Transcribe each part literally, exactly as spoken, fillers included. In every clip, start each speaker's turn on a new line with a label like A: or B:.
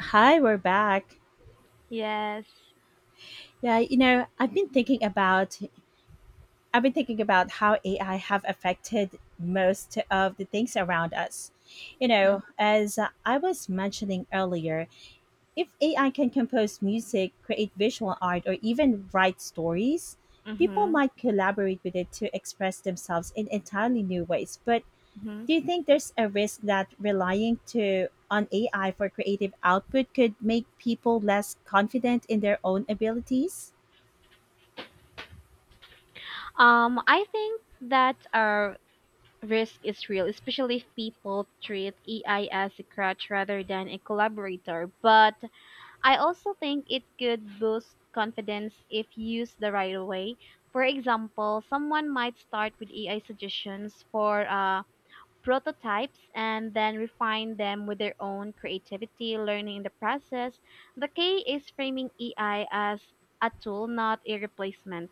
A: Hi, we're back.
B: Yes.
A: Yeah, you know, I've been thinking about I've been thinking about how A I have affected most of the things around us. You
B: Mm-hmm.
A: know, as I was mentioning earlier, if A I can compose music, create visual art or even write stories, people
B: Hmm.
A: might collaborate with it to express themselves in entirely new ways. But do you think there's a risk that relying to on A I for creative output could make people less confident in their own abilities?
B: Um, I think that our risk is real, especially if people treat A I as a crutch rather than a collaborator. But I also think it could boost confidence if used the right way. For example, someone might start with A I suggestions for uh, prototypes and then refine them with their own creativity, learning in the process. The key is framing A I as a tool, not a replacement.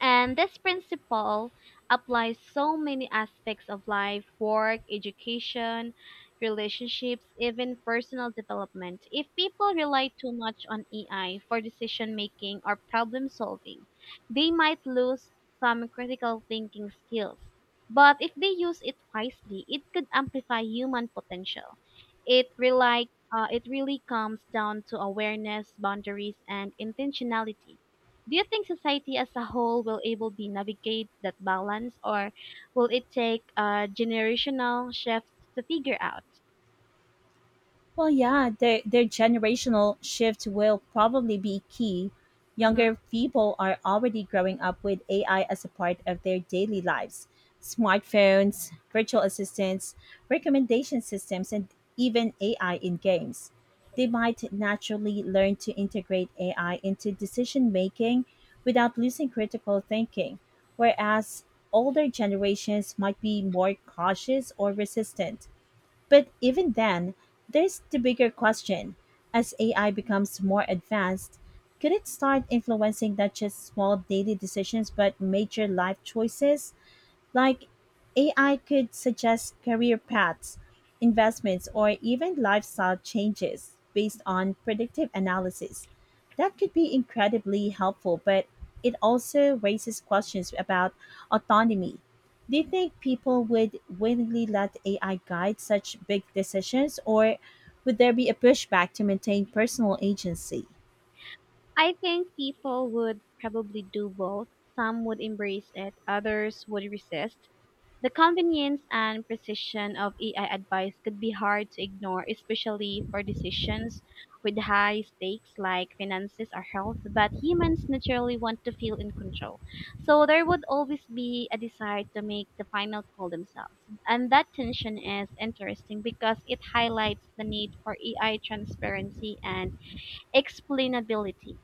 B: And this principle applies so many aspects of life, work, education, relationships, even personal development. If people rely too much on A I for decision making or problem solving, they might lose some critical thinking skills. But if they use it wisely, it could amplify human potential. It rely, uh, it really comes down to awareness, boundaries, and intentionality. Do you think society as a whole will able be navigate that balance, or will it take a generational shift to figure out?
A: Well, yeah, their their generational shift will probably be key.
B: Hmm.
A: Younger people are already growing up with A I as a part of their daily lives. Smartphones, virtual assistants, recommendation systems, and even A I in games. They might naturally learn to integrate A I into decision making without losing critical thinking, whereas older generations might be more cautious or resistant, but even then, there's the bigger question. As A I becomes more advanced, could it start influencing not just small daily decisions but major life choices? Like, A I could suggest career paths, investments, or even lifestyle changes based on predictive analysis. That could be incredibly helpful, but it also raises questions about autonomy. Do you think people would willingly let A I guide such big decisions, or would there be a pushback to maintain personal agency?
B: I think people would probably do both. Some would embrace it, others would resist. The convenience and precision of A I advice could be hard to ignore, especially for decisions with high stakes like finances or health, but humans naturally want to feel in control. So there would always be a desire to make the final call themselves. And that tension is interesting because it highlights the need for A I transparency and explainability.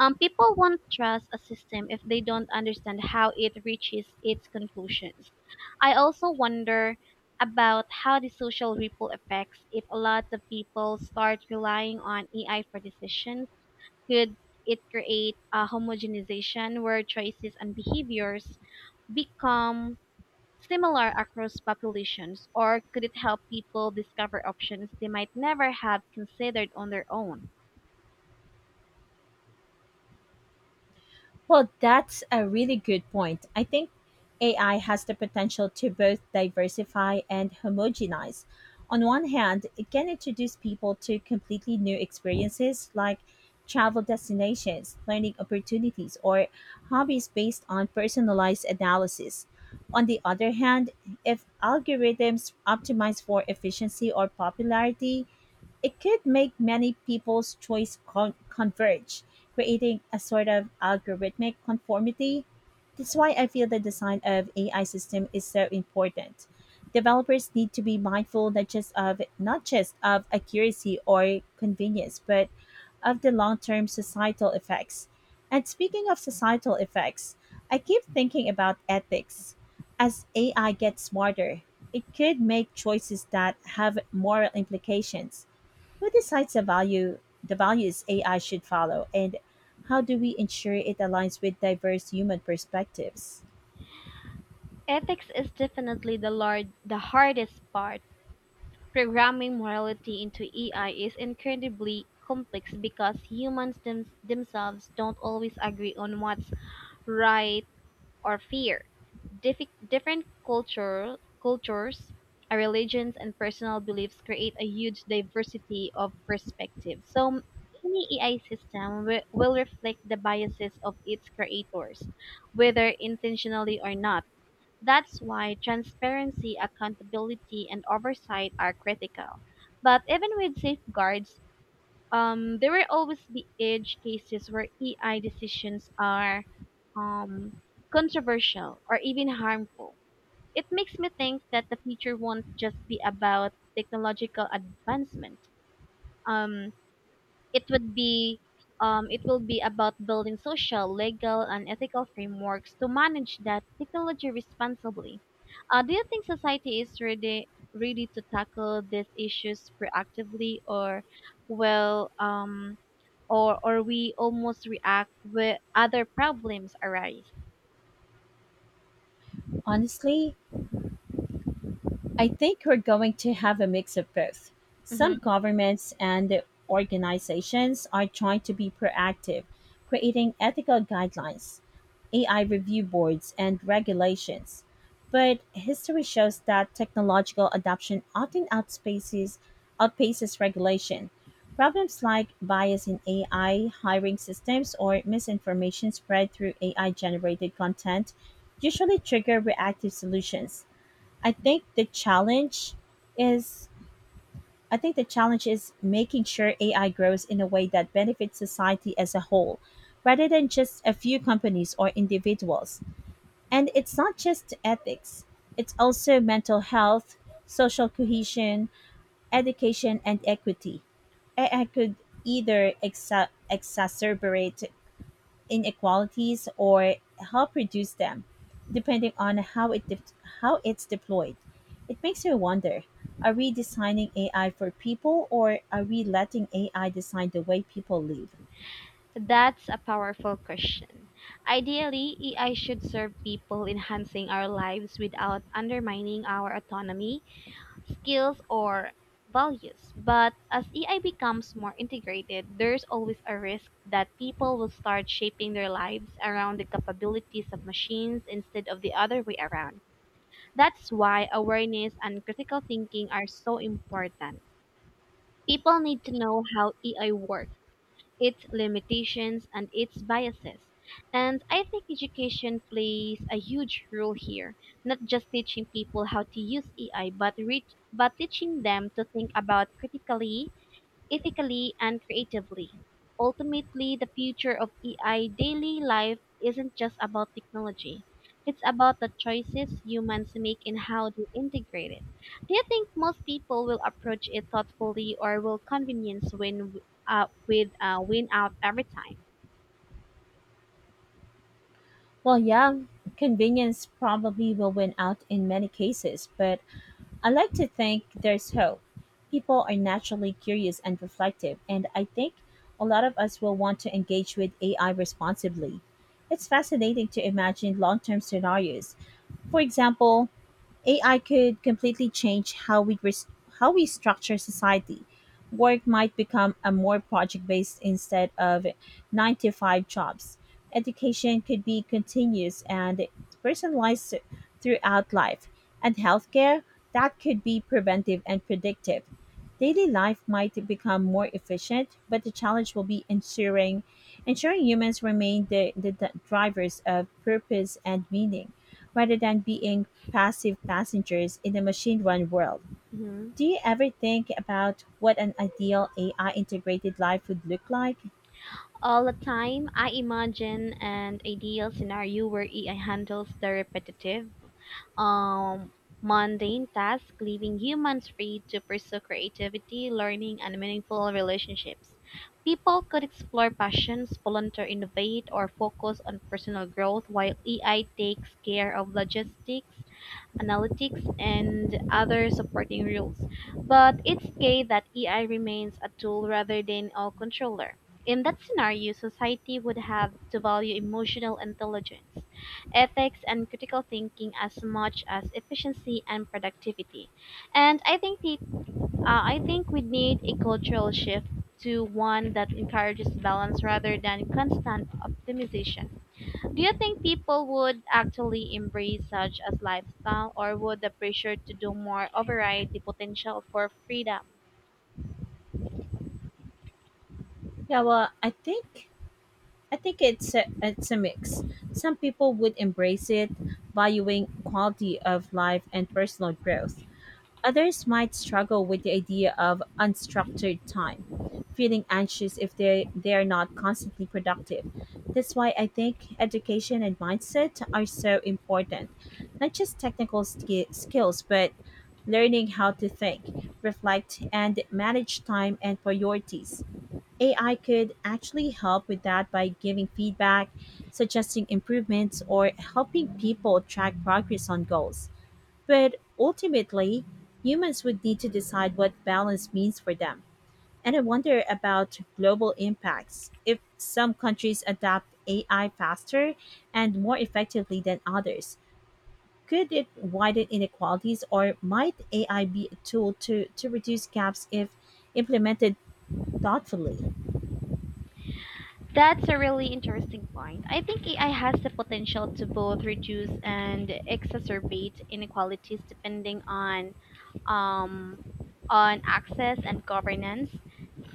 B: Um, people won't trust a system if they don't understand how it reaches its conclusions. I also wonder about how the social ripple effects if a lot of people start relying on A I for decisions. Could it create a homogenization where choices and behaviors become similar across populations, or could it help people discover options they might never have considered on their own?
A: Well, that's a really good point. I think A I has the potential to both diversify and homogenize. On one hand, it can introduce people to completely new experiences like travel destinations, learning opportunities, or hobbies based on personalized analysis. On the other hand, if algorithms optimize for efficiency or popularity, it could make many people's choice con- converge, creating a sort of algorithmic conformity. That's why I feel the design of A I system is so important. Developers need to be mindful not just of not just of accuracy or convenience, but of the long-term societal effects. And speaking of societal effects, I keep thinking about ethics. As A I gets smarter, it could make choices that have moral implications. Who decides the value the values A I should follow and how do we ensure it aligns with diverse human perspectives?
B: Ethics is definitely the lar- the hardest part. Programming morality into A I is incredibly complex because humans them- themselves don't always agree on what's right or fair. Dif- different culture cultures, uh, religions, and personal beliefs create a huge diversity of perspectives. So any A I system wi- will reflect the biases of its creators, whether intentionally or not. That's why transparency, accountability, and oversight are critical. But even with safeguards, um, there will always be edge cases where E I decisions are um, controversial or even harmful. It makes me think that the future won't just be about technological advancement. Um, it would be um, it will be about building social, legal, and ethical frameworks to manage that technology responsibly. Uh, do you think society is ready ready to tackle these issues proactively, or well, um, or or we almost react when other problems arise?
A: Honestly, I think we're going to have a mix of both.
B: Hmm.
A: Some governments and organizations are trying to be proactive, creating ethical guidelines, A I review boards, and regulations. But history shows that technological adoption often outpaces, outpaces regulation. Problems like bias in A I hiring systems or misinformation spread through A I generated content usually trigger reactive solutions. I think the challenge is I think the challenge is making sure A I grows in a way that benefits society as a whole, rather than just a few companies or individuals. And it's not just ethics, it's also mental health, social cohesion, education, and equity. A I could either exa- exacerbate inequalities or help reduce them, depending on how it de- how it's deployed. It makes me wonder: are we designing A I for people, or are we letting A I design the way people live?
B: That's a powerful question. Ideally, A I should serve people enhancing our lives without undermining our autonomy, skills, or values. But as A I becomes more integrated, there's always a risk that people will start shaping their lives around the capabilities of machines instead of the other way around. That's why awareness and critical thinking are so important. People need to know how A I works, its limitations and its biases. And I think education plays a huge role here, not just teaching people how to use A I, but, re- but teaching them to think about critically, ethically, and creatively. Ultimately, the future of A I daily life isn't just about technology. It's about the choices humans make and how they integrate it. Do you think most people will approach it thoughtfully, or will convenience win uh, with uh, win out every time?
A: Well, yeah, convenience probably will win out in many cases, but I like to think there's hope. People are naturally curious and reflective, and I think a lot of us will want to engage with A I responsibly. It's fascinating to imagine long term scenarios. For example, A I could completely change how we res- how we structure society. Work might become a more project based instead of nine to five jobs. Education could be continuous and personalized throughout life, and healthcare that could be preventive and predictive. Daily life might become more efficient, but the challenge will be ensuring ensuring humans remain the, the, the drivers of purpose and meaning rather than being passive passengers in the machine run world.
B: Mhm.
A: Do you ever think about what an ideal A I integrated life would look like?
B: All the time. I imagine an ideal scenario where A I handles the repetitive, um, mundane tasks, leaving humans free to pursue creativity, learning, and meaningful relationships. People could explore passions, volunteer, innovate, or focus on personal growth while A I takes care of logistics, analytics, and other supporting rules. But it's key that A I remains a tool rather than a controller. In that scenario, society would have to value emotional intelligence, ethics, and critical thinking as much as efficiency and productivity. And I think the, uh, I think we need a cultural shift to one that encourages balance rather than constant optimization. Do you think people would actually embrace such as lifestyle, or would the pressure to do more override the potential for freedom?
A: Yeah, well, I think I think it's a, it's a mix. Some people would embrace it, valuing quality of life and personal growth. Others might struggle with the idea of unstructured time, feeling anxious if they, they are not constantly productive. That's why I think education and mindset are so important. Not just technical ski- skills, but learning how to think, reflect, and manage time and priorities. A I could actually help with that by giving feedback, suggesting improvements, or helping people track progress on goals. But ultimately, humans would need to decide what balance means for them. And I wonder about global impacts. If some countries adopt A I faster and more effectively than others, could it widen inequalities or might A I be a tool to, to reduce gaps if implemented thoughtfully?
B: That's a really interesting point. I think A I has the potential to both reduce and exacerbate inequalities depending on um, on access and governance.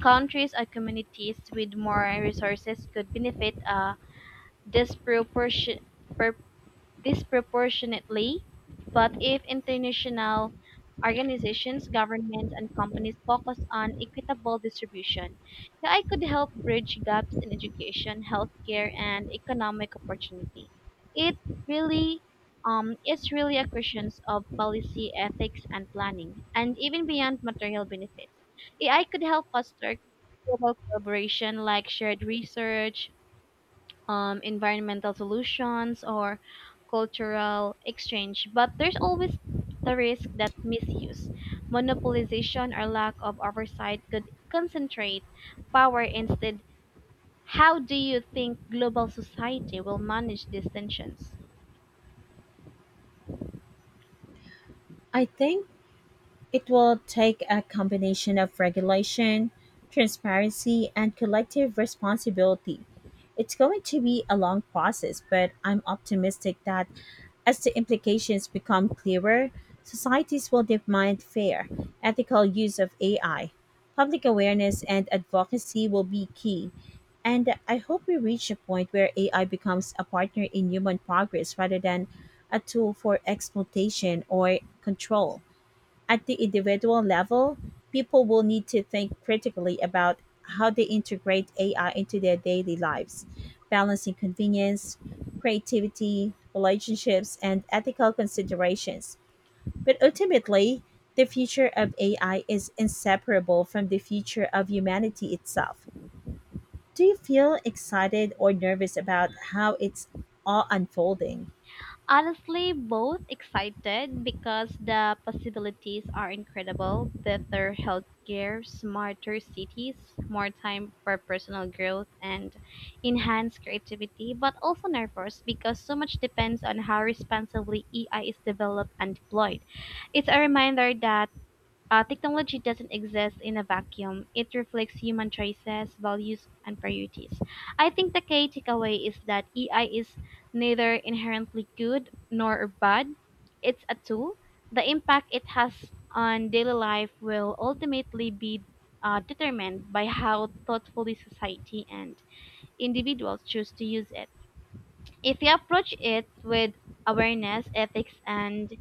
B: Countries or communities with more resources could benefit a disproportionate disproportionately, but if international organizations, governments, and companies focus on equitable distribution, A I could help bridge gaps in education, healthcare, and economic opportunity. It really um, it's really a question of policy, ethics, and planning, and even beyond material benefits. A I could help foster global collaboration like shared research, um, environmental solutions, or cultural exchange. But there's always the risk that misuse, monopolization, or lack of oversight could concentrate power. Instead, how do you think global society will manage these tensions?
A: I think it will take a combination of regulation, transparency, and collective responsibility. It's going to be a long process, but I'm optimistic that as the implications become clearer, societies will demand fair, ethical use of A I. Public awareness and advocacy will be key. And I hope we reach a point where A I becomes a partner in human progress rather than a tool for exploitation or control. At the individual level, people will need to think critically about how they integrate A I into their daily lives, balancing convenience, creativity, relationships, and ethical considerations. But ultimately, the future of A I is inseparable from the future of humanity itself. Do you feel excited or nervous about how it's all unfolding?
B: Honestly, both. Excited because the possibilities are incredible. Better healthcare, smarter cities, more time for personal growth, and enhanced creativity, but also nervous because so much depends on how responsibly A I is developed and deployed. It's a reminder that uh, technology doesn't exist in a vacuum. It reflects human choices, values, and priorities. I think the key takeaway is that A I is neither inherently good nor bad. It's a tool. The impact it has on daily life will ultimately be uh, determined by how thoughtfully society and individuals choose to use it. If you approach it with awareness, ethics, and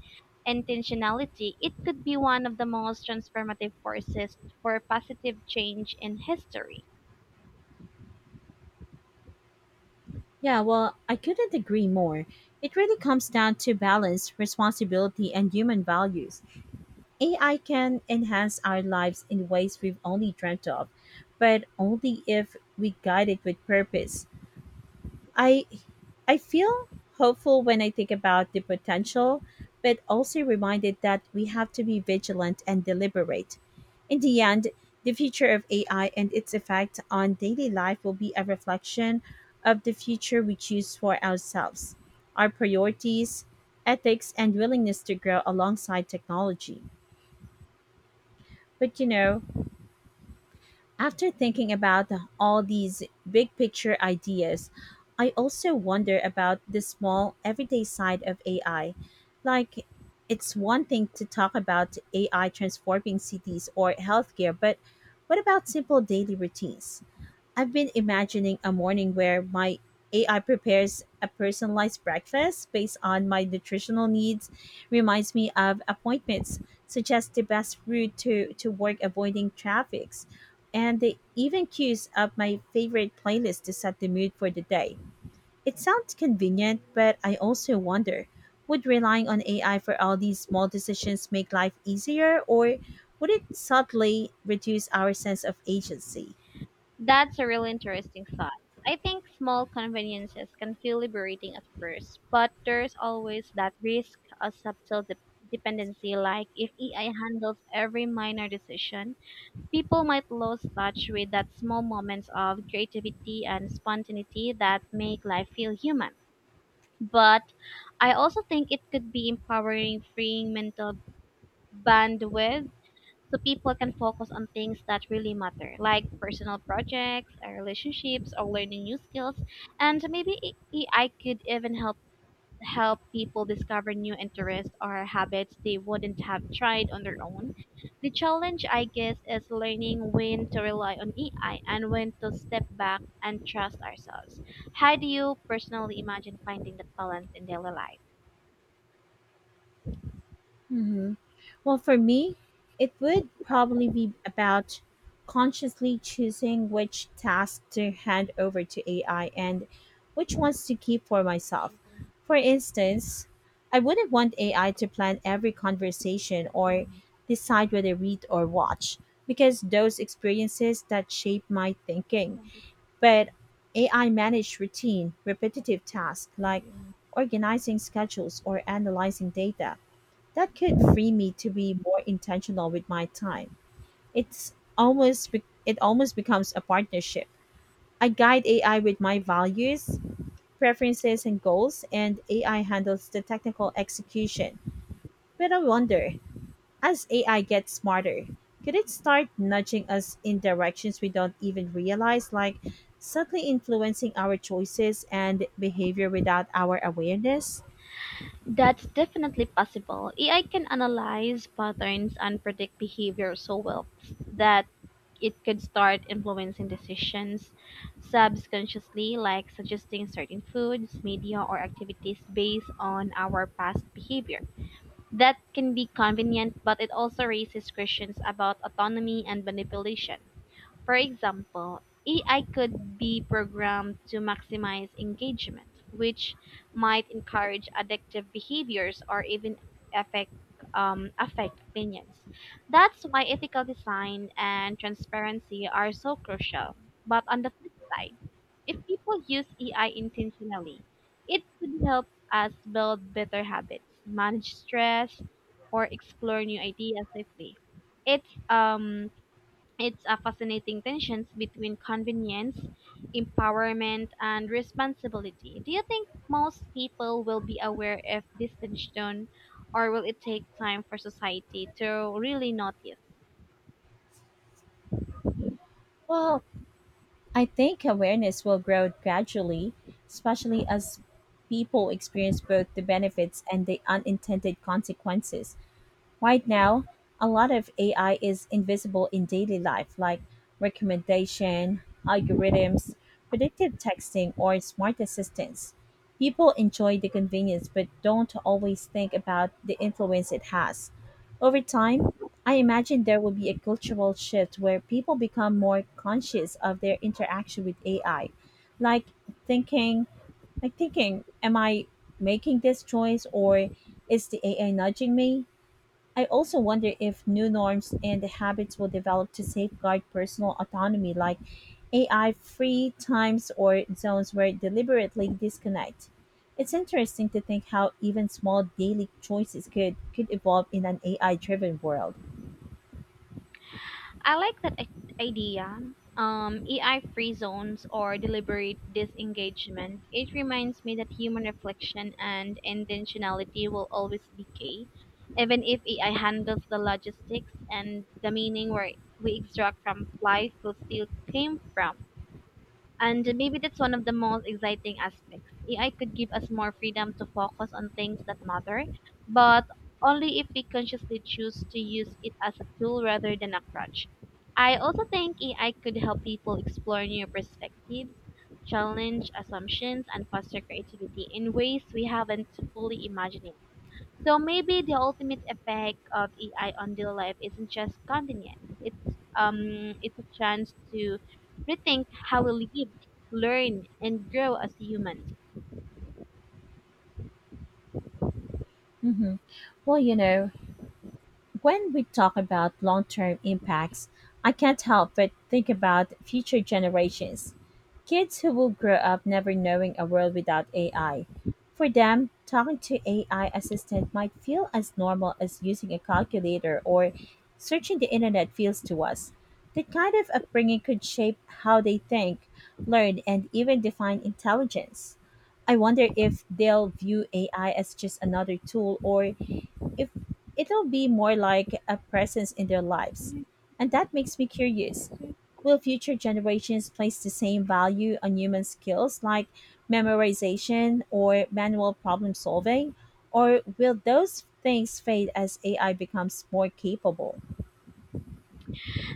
B: intentionality, it could be one of the most transformative forces for positive change in history.
A: Yeah, well, I couldn't agree more. It really comes down to balance, responsibility, and human values. A I can enhance our lives in ways we've only dreamt of, but only if we guide it with purpose. I I feel hopeful when I think about the potential, but also reminded that we have to be vigilant and deliberate. In the end, the future of A I and its effect on daily life will be a reflection of the future we choose for ourselves, our priorities, ethics, and willingness to grow alongside technology. But you know, after thinking about all these big picture ideas, I also wonder about the small, everyday side of A I. Like, it's one thing to talk about A I transforming cities or healthcare, but what about simple daily routines? I've been imagining a morning where my A I prepares a personalized breakfast based on my nutritional needs, reminds me of appointments, suggests the best route to, to work avoiding traffics, and they even cues up my favorite playlist to set the mood for the day. It sounds convenient, but I also wonder, would relying on A I for all these small decisions make life easier, or would it subtly reduce our sense of agency?
B: That's a really interesting thought. I think small conveniences can feel liberating at first, but there's always that risk of subtle de- dependency. Like if A I handles every minor decision, people might lose touch with that small moments of creativity and spontaneity that make life feel human. But I also think it could be empowering, freeing mental bandwidth so people can focus on things that really matter, like personal projects, or relationships, or learning new skills. And maybe A I could even help help people discover new interests or habits they wouldn't have tried on their own. The challenge, I guess, is learning when to rely on A I and when to step back and trust ourselves. How do you personally imagine finding that balance in daily life?
A: Mhm. Well, for me, it would probably be about consciously choosing which tasks to hand over to A I and which ones to keep for myself. For instance, I wouldn't want A I to plan every conversation or decide whether read or watch because those experiences that shape my thinking. But A I managed routine, repetitive tasks like organizing schedules or analyzing data, that could free me to be more intentional with my time. It's almost be- it almost becomes a partnership. I guide A I with my values, preferences and goals, and A I handles the technical execution. But I wonder, as A I gets smarter, could it start nudging us in directions we don't even realize, like subtly influencing our choices and behavior without our awareness?
B: That's definitely possible. A I can analyze patterns and predict behavior so well that it could start influencing decisions subconsciously, like suggesting certain foods, media, or activities based on our past behavior. That can be convenient, but it also raises questions about autonomy and manipulation. For example, A I could be programmed to maximize engagement, which might encourage addictive behaviors or even affect um, affect opinions. That's why ethical design and transparency are so crucial. But on the flip side, if people use A I intentionally, it could help us build better habits, manage stress, or explore new ideas safely. It's um it's a fascinating tensions between convenience, empowerment, and responsibility. Do you think most people will be aware of this tension, or will it take time for society to really notice?
A: Well, I think awareness will grow gradually, especially as people experience both the benefits and the unintended consequences. Right now, a lot of A I is invisible in daily life, like recommendation, algorithms, predictive texting, or smart assistants. People enjoy the convenience but don't always think about the influence it has. Over time, I imagine there will be a cultural shift where people become more conscious of their interaction with A I, like thinking, like thinking, am I making this choice or is the A I nudging me? I also wonder if new norms and habits will develop to safeguard personal autonomy, like A I free times or zones where deliberately disconnect. It's interesting to think how even small daily choices could, could evolve in an A I driven world.
B: I like that i- idea. Um, A I free zones or deliberate disengagement. It reminds me that human reflection and intentionality will always be key, even if A I handles the logistics and the meaning where we extract from life will still came from. And maybe that's one of the most exciting aspects. A I could give us more freedom to focus on things that matter, but only if we consciously choose to use it as a tool rather than a crutch. I also think A I could help people explore new perspectives, challenge assumptions, and foster creativity in ways we haven't fully imagined. So maybe the ultimate effect of A I on daily life isn't just convenience. It's um it's a chance to rethink how we live, learn, and grow as humans.
A: Hmm. Well, you know, when we talk about long term impacts, I can't help but think about future generations. Kids who will grow up never knowing a world without A I. For them, talking to A I assistant might feel as normal as using a calculator or searching the internet feels to us. That kind of upbringing could shape how they think, learn, and even define intelligence. I wonder if they'll view A I as just another tool or if it'll be more like a presence in their lives. And that makes me curious, will future generations place the same value on human skills like memorization or manual problem solving? Or will those things fade as A I becomes more capable?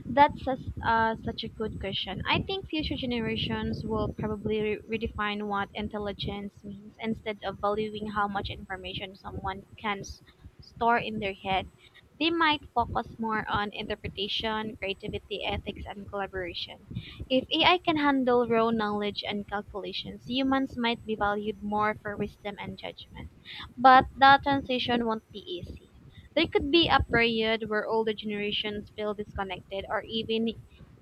B: That's sus- uh, such a good question. I think future generations will probably re- redefine what intelligence means instead of valuing how much information someone can s- store in their head. They might focus more on interpretation, creativity, ethics, and collaboration. If A I can handle raw knowledge and calculations, humans might be valued more for wisdom and judgment. But that transition won't be easy. There could be a period where older generations feel disconnected or even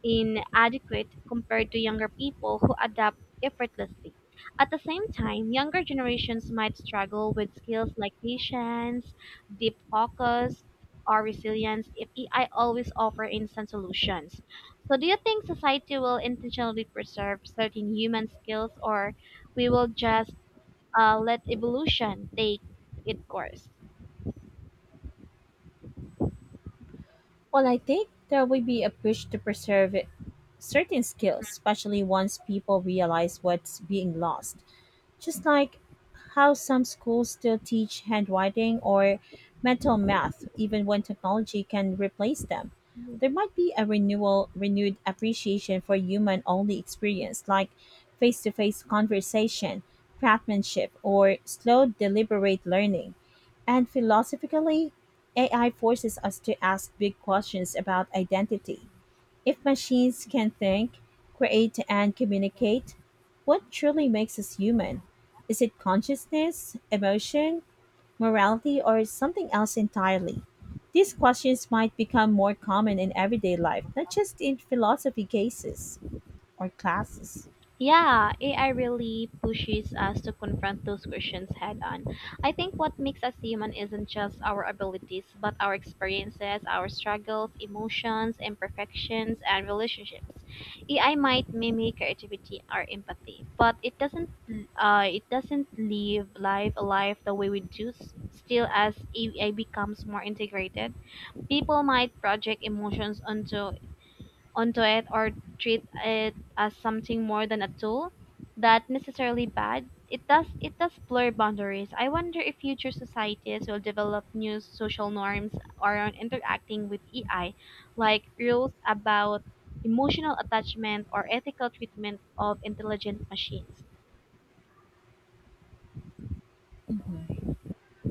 B: inadequate compared to younger people who adapt effortlessly. At the same time, younger generations might struggle with skills like patience, deep focus, or resilience if A I always offer instant solutions. So do you think society will intentionally preserve certain human skills, or we will just uh, let evolution take its course?
A: Well, I think there will be a push to preserve certain skills, especially once people realize what's being lost. Just like how some schools still teach handwriting or mental math even when technology can replace them, there might be a renewal renewed appreciation for human only experience like face-to-face conversation, craftsmanship, or slow deliberate learning. And philosophically, AI forces us to ask big questions about identity. If machines can think, create, and communicate, what truly makes us human? Is it consciousness, emotion, morality, or something else entirely? These questions might become more common in everyday life, not just in philosophy cases or classes.
B: Yeah, A I really pushes us to confront those questions head on. I think what makes us human isn't just our abilities, but our experiences, our struggles, emotions, imperfections, and relationships. A I might mimic creativity or empathy, but it doesn't uh, it doesn't live life alive the way we do. S- Still, as A I becomes more integrated, people might project emotions onto onto it or treat it as something more than a tool that necessarily bad it does it does blur boundaries. I wonder if future societies will develop new social norms around interacting with AI, like rules about emotional attachment or ethical treatment of intelligent machines.
A: Mhm.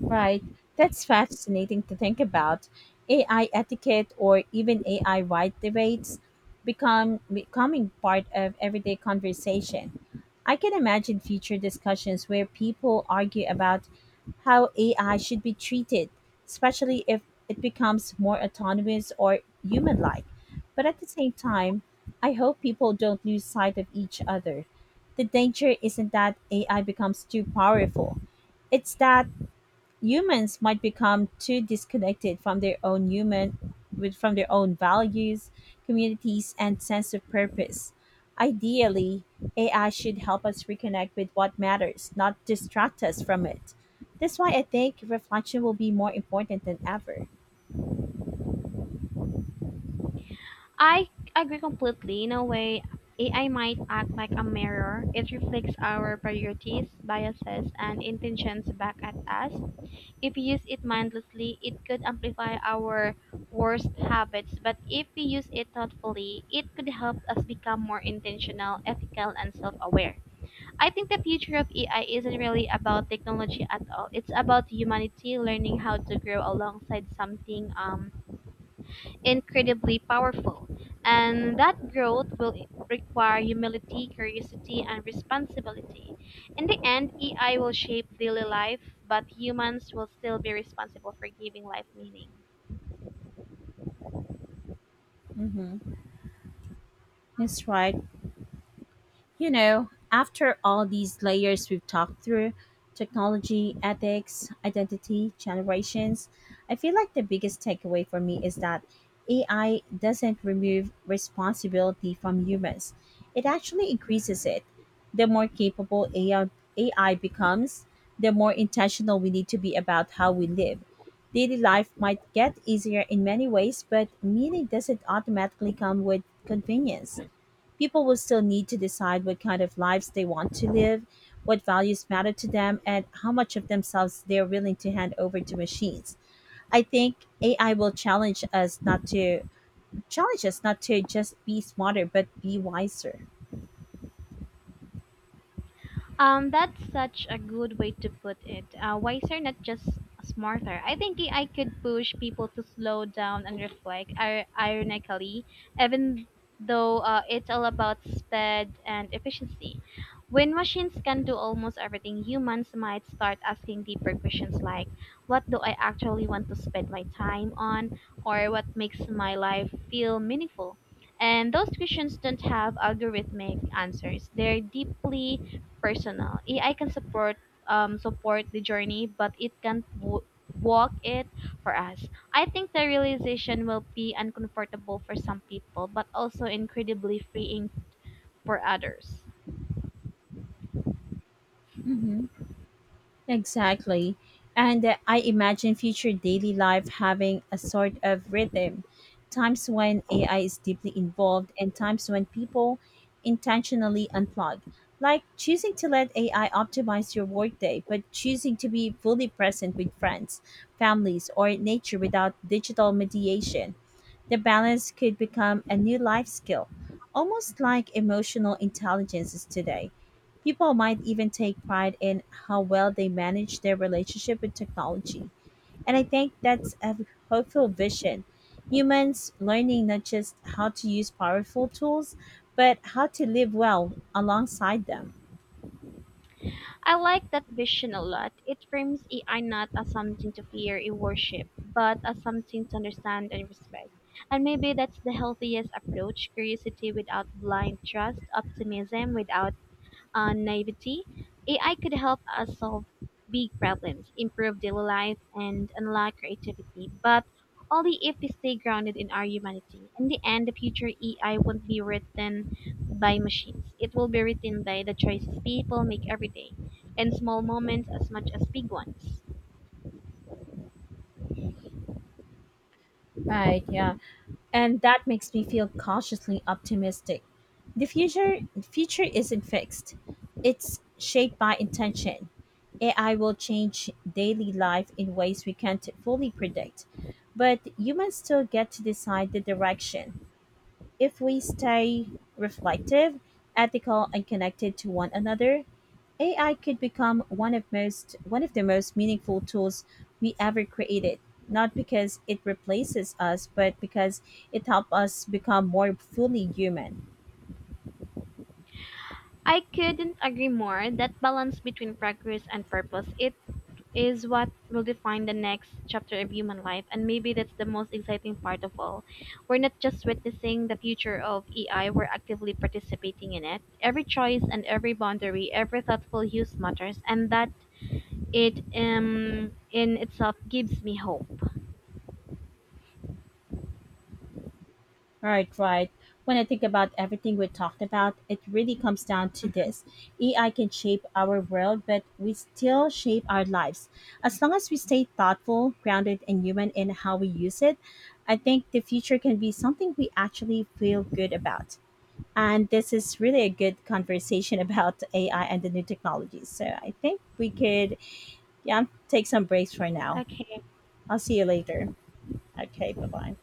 A: Right. That's fascinating to think about. A I etiquette or even A I wide debates become becoming part of everyday conversation. I can imagine future discussions where people argue about how A I should be treated, especially if it becomes more autonomous or human like. But at the same time, I hope people don't lose sight of each other. The danger isn't that A I becomes too powerful, it's that humans might become too disconnected from their own human with from their own values, communities, and sense of purpose. Ideally, A I should help us reconnect with what matters, not distract us from it. That's why I think reflection will be more important than ever.
B: I agree completely. In a way, AI might act like a mirror. It reflects our priorities, biases, and intentions back at us. If we use it mindlessly, it could amplify our worst habits, but if we use it thoughtfully, it could help us become more intentional, ethical, and self aware. I think the future of A I isn't really about technology at all. It's about humanity learning how to grow alongside something um, incredibly powerful, and that growth will require humility, curiosity, and responsibility. In the end, A I will shape daily life, but humans will still be responsible for giving life meaning.
A: hmm That's right. You know, after all these layers we've talked through, technology, ethics, identity, generations, I feel like the biggest takeaway for me is that A I doesn't remove responsibility from humans, it actually increases it. The more capable A I becomes, the more intentional we need to be about how we live. Daily life might get easier in many ways, but meaning doesn't automatically come with convenience. People will still need to decide what kind of lives they want to live, what values matter to them, and how much of themselves they're willing to hand over to machines. I think A I will challenge us not to challenge us not to just be smarter, but be wiser.
B: Um, that's such a good way to put it. Uh, wiser, not just smarter. I think I could push people to slow down and reflect. ir- Ironically, even though uh, it's all about speed and efficiency, when machines can do almost everything, humans might start asking deeper questions like, "What do I actually want to spend my time on?" or "What makes my life feel meaningful?" And those questions don't have algorithmic answers. They're deeply personal. A I can support um, support the journey, but it can't w- walk it for us. I think the realization will be uncomfortable for some people, but also incredibly freeing for others.
A: hmm Exactly. And uh, I imagine future daily life having a sort of rhythm, times when A I is deeply involved and times when people intentionally unplug. Like choosing to let A I optimize your workday, but choosing to be fully present with friends, families, or nature without digital mediation. The balance could become a new life skill, almost like emotional intelligence is today. People might even take pride in how well they manage their relationship with technology. And I think that's a hopeful vision. Humans learning not just how to use powerful tools, but how to live well alongside them.
B: I like that vision a lot. It frames A I not as something to fear and worship, but as something to understand and respect. And maybe that's the healthiest approach: curiosity without blind trust, optimism without uh, naivety. A I could help us solve big problems, improve daily life, and unlock creativity, but only if we stay grounded in our humanity. In the end, the future A I won't be written by machines. It will be written by the choices people make every day, and small moments as much as big ones.
A: Right, yeah, and that makes me feel cautiously optimistic. The future the future isn't fixed. It's shaped by intention. A I will change daily life in ways we can't fully predict, but humans still get to decide the direction. If we stay reflective, ethical, and connected to one another, A I could become one of most one of the most meaningful tools we ever created. Not because it replaces us, but because it helps us become more fully human.
B: I couldn't agree more that balance between progress and purpose, it is what will define the next chapter of human life. And maybe that's the most exciting part of all. We're not just witnessing the future of A I, we're actively participating in it. Every choice and every boundary, every thoughtful use matters, and that it um, in itself gives me hope.
A: Right, right. When I think about everything we talked about, it really comes down to this. A I can shape our world, but we still shape our lives. As long as we stay thoughtful, grounded, and human in how we use it, I think the future can be something we actually feel good about. And this is really a good conversation about A I and the new technologies. So I think we could, yeah, take some breaks for now.
B: Okay.
A: I'll see you later. Okay, bye bye.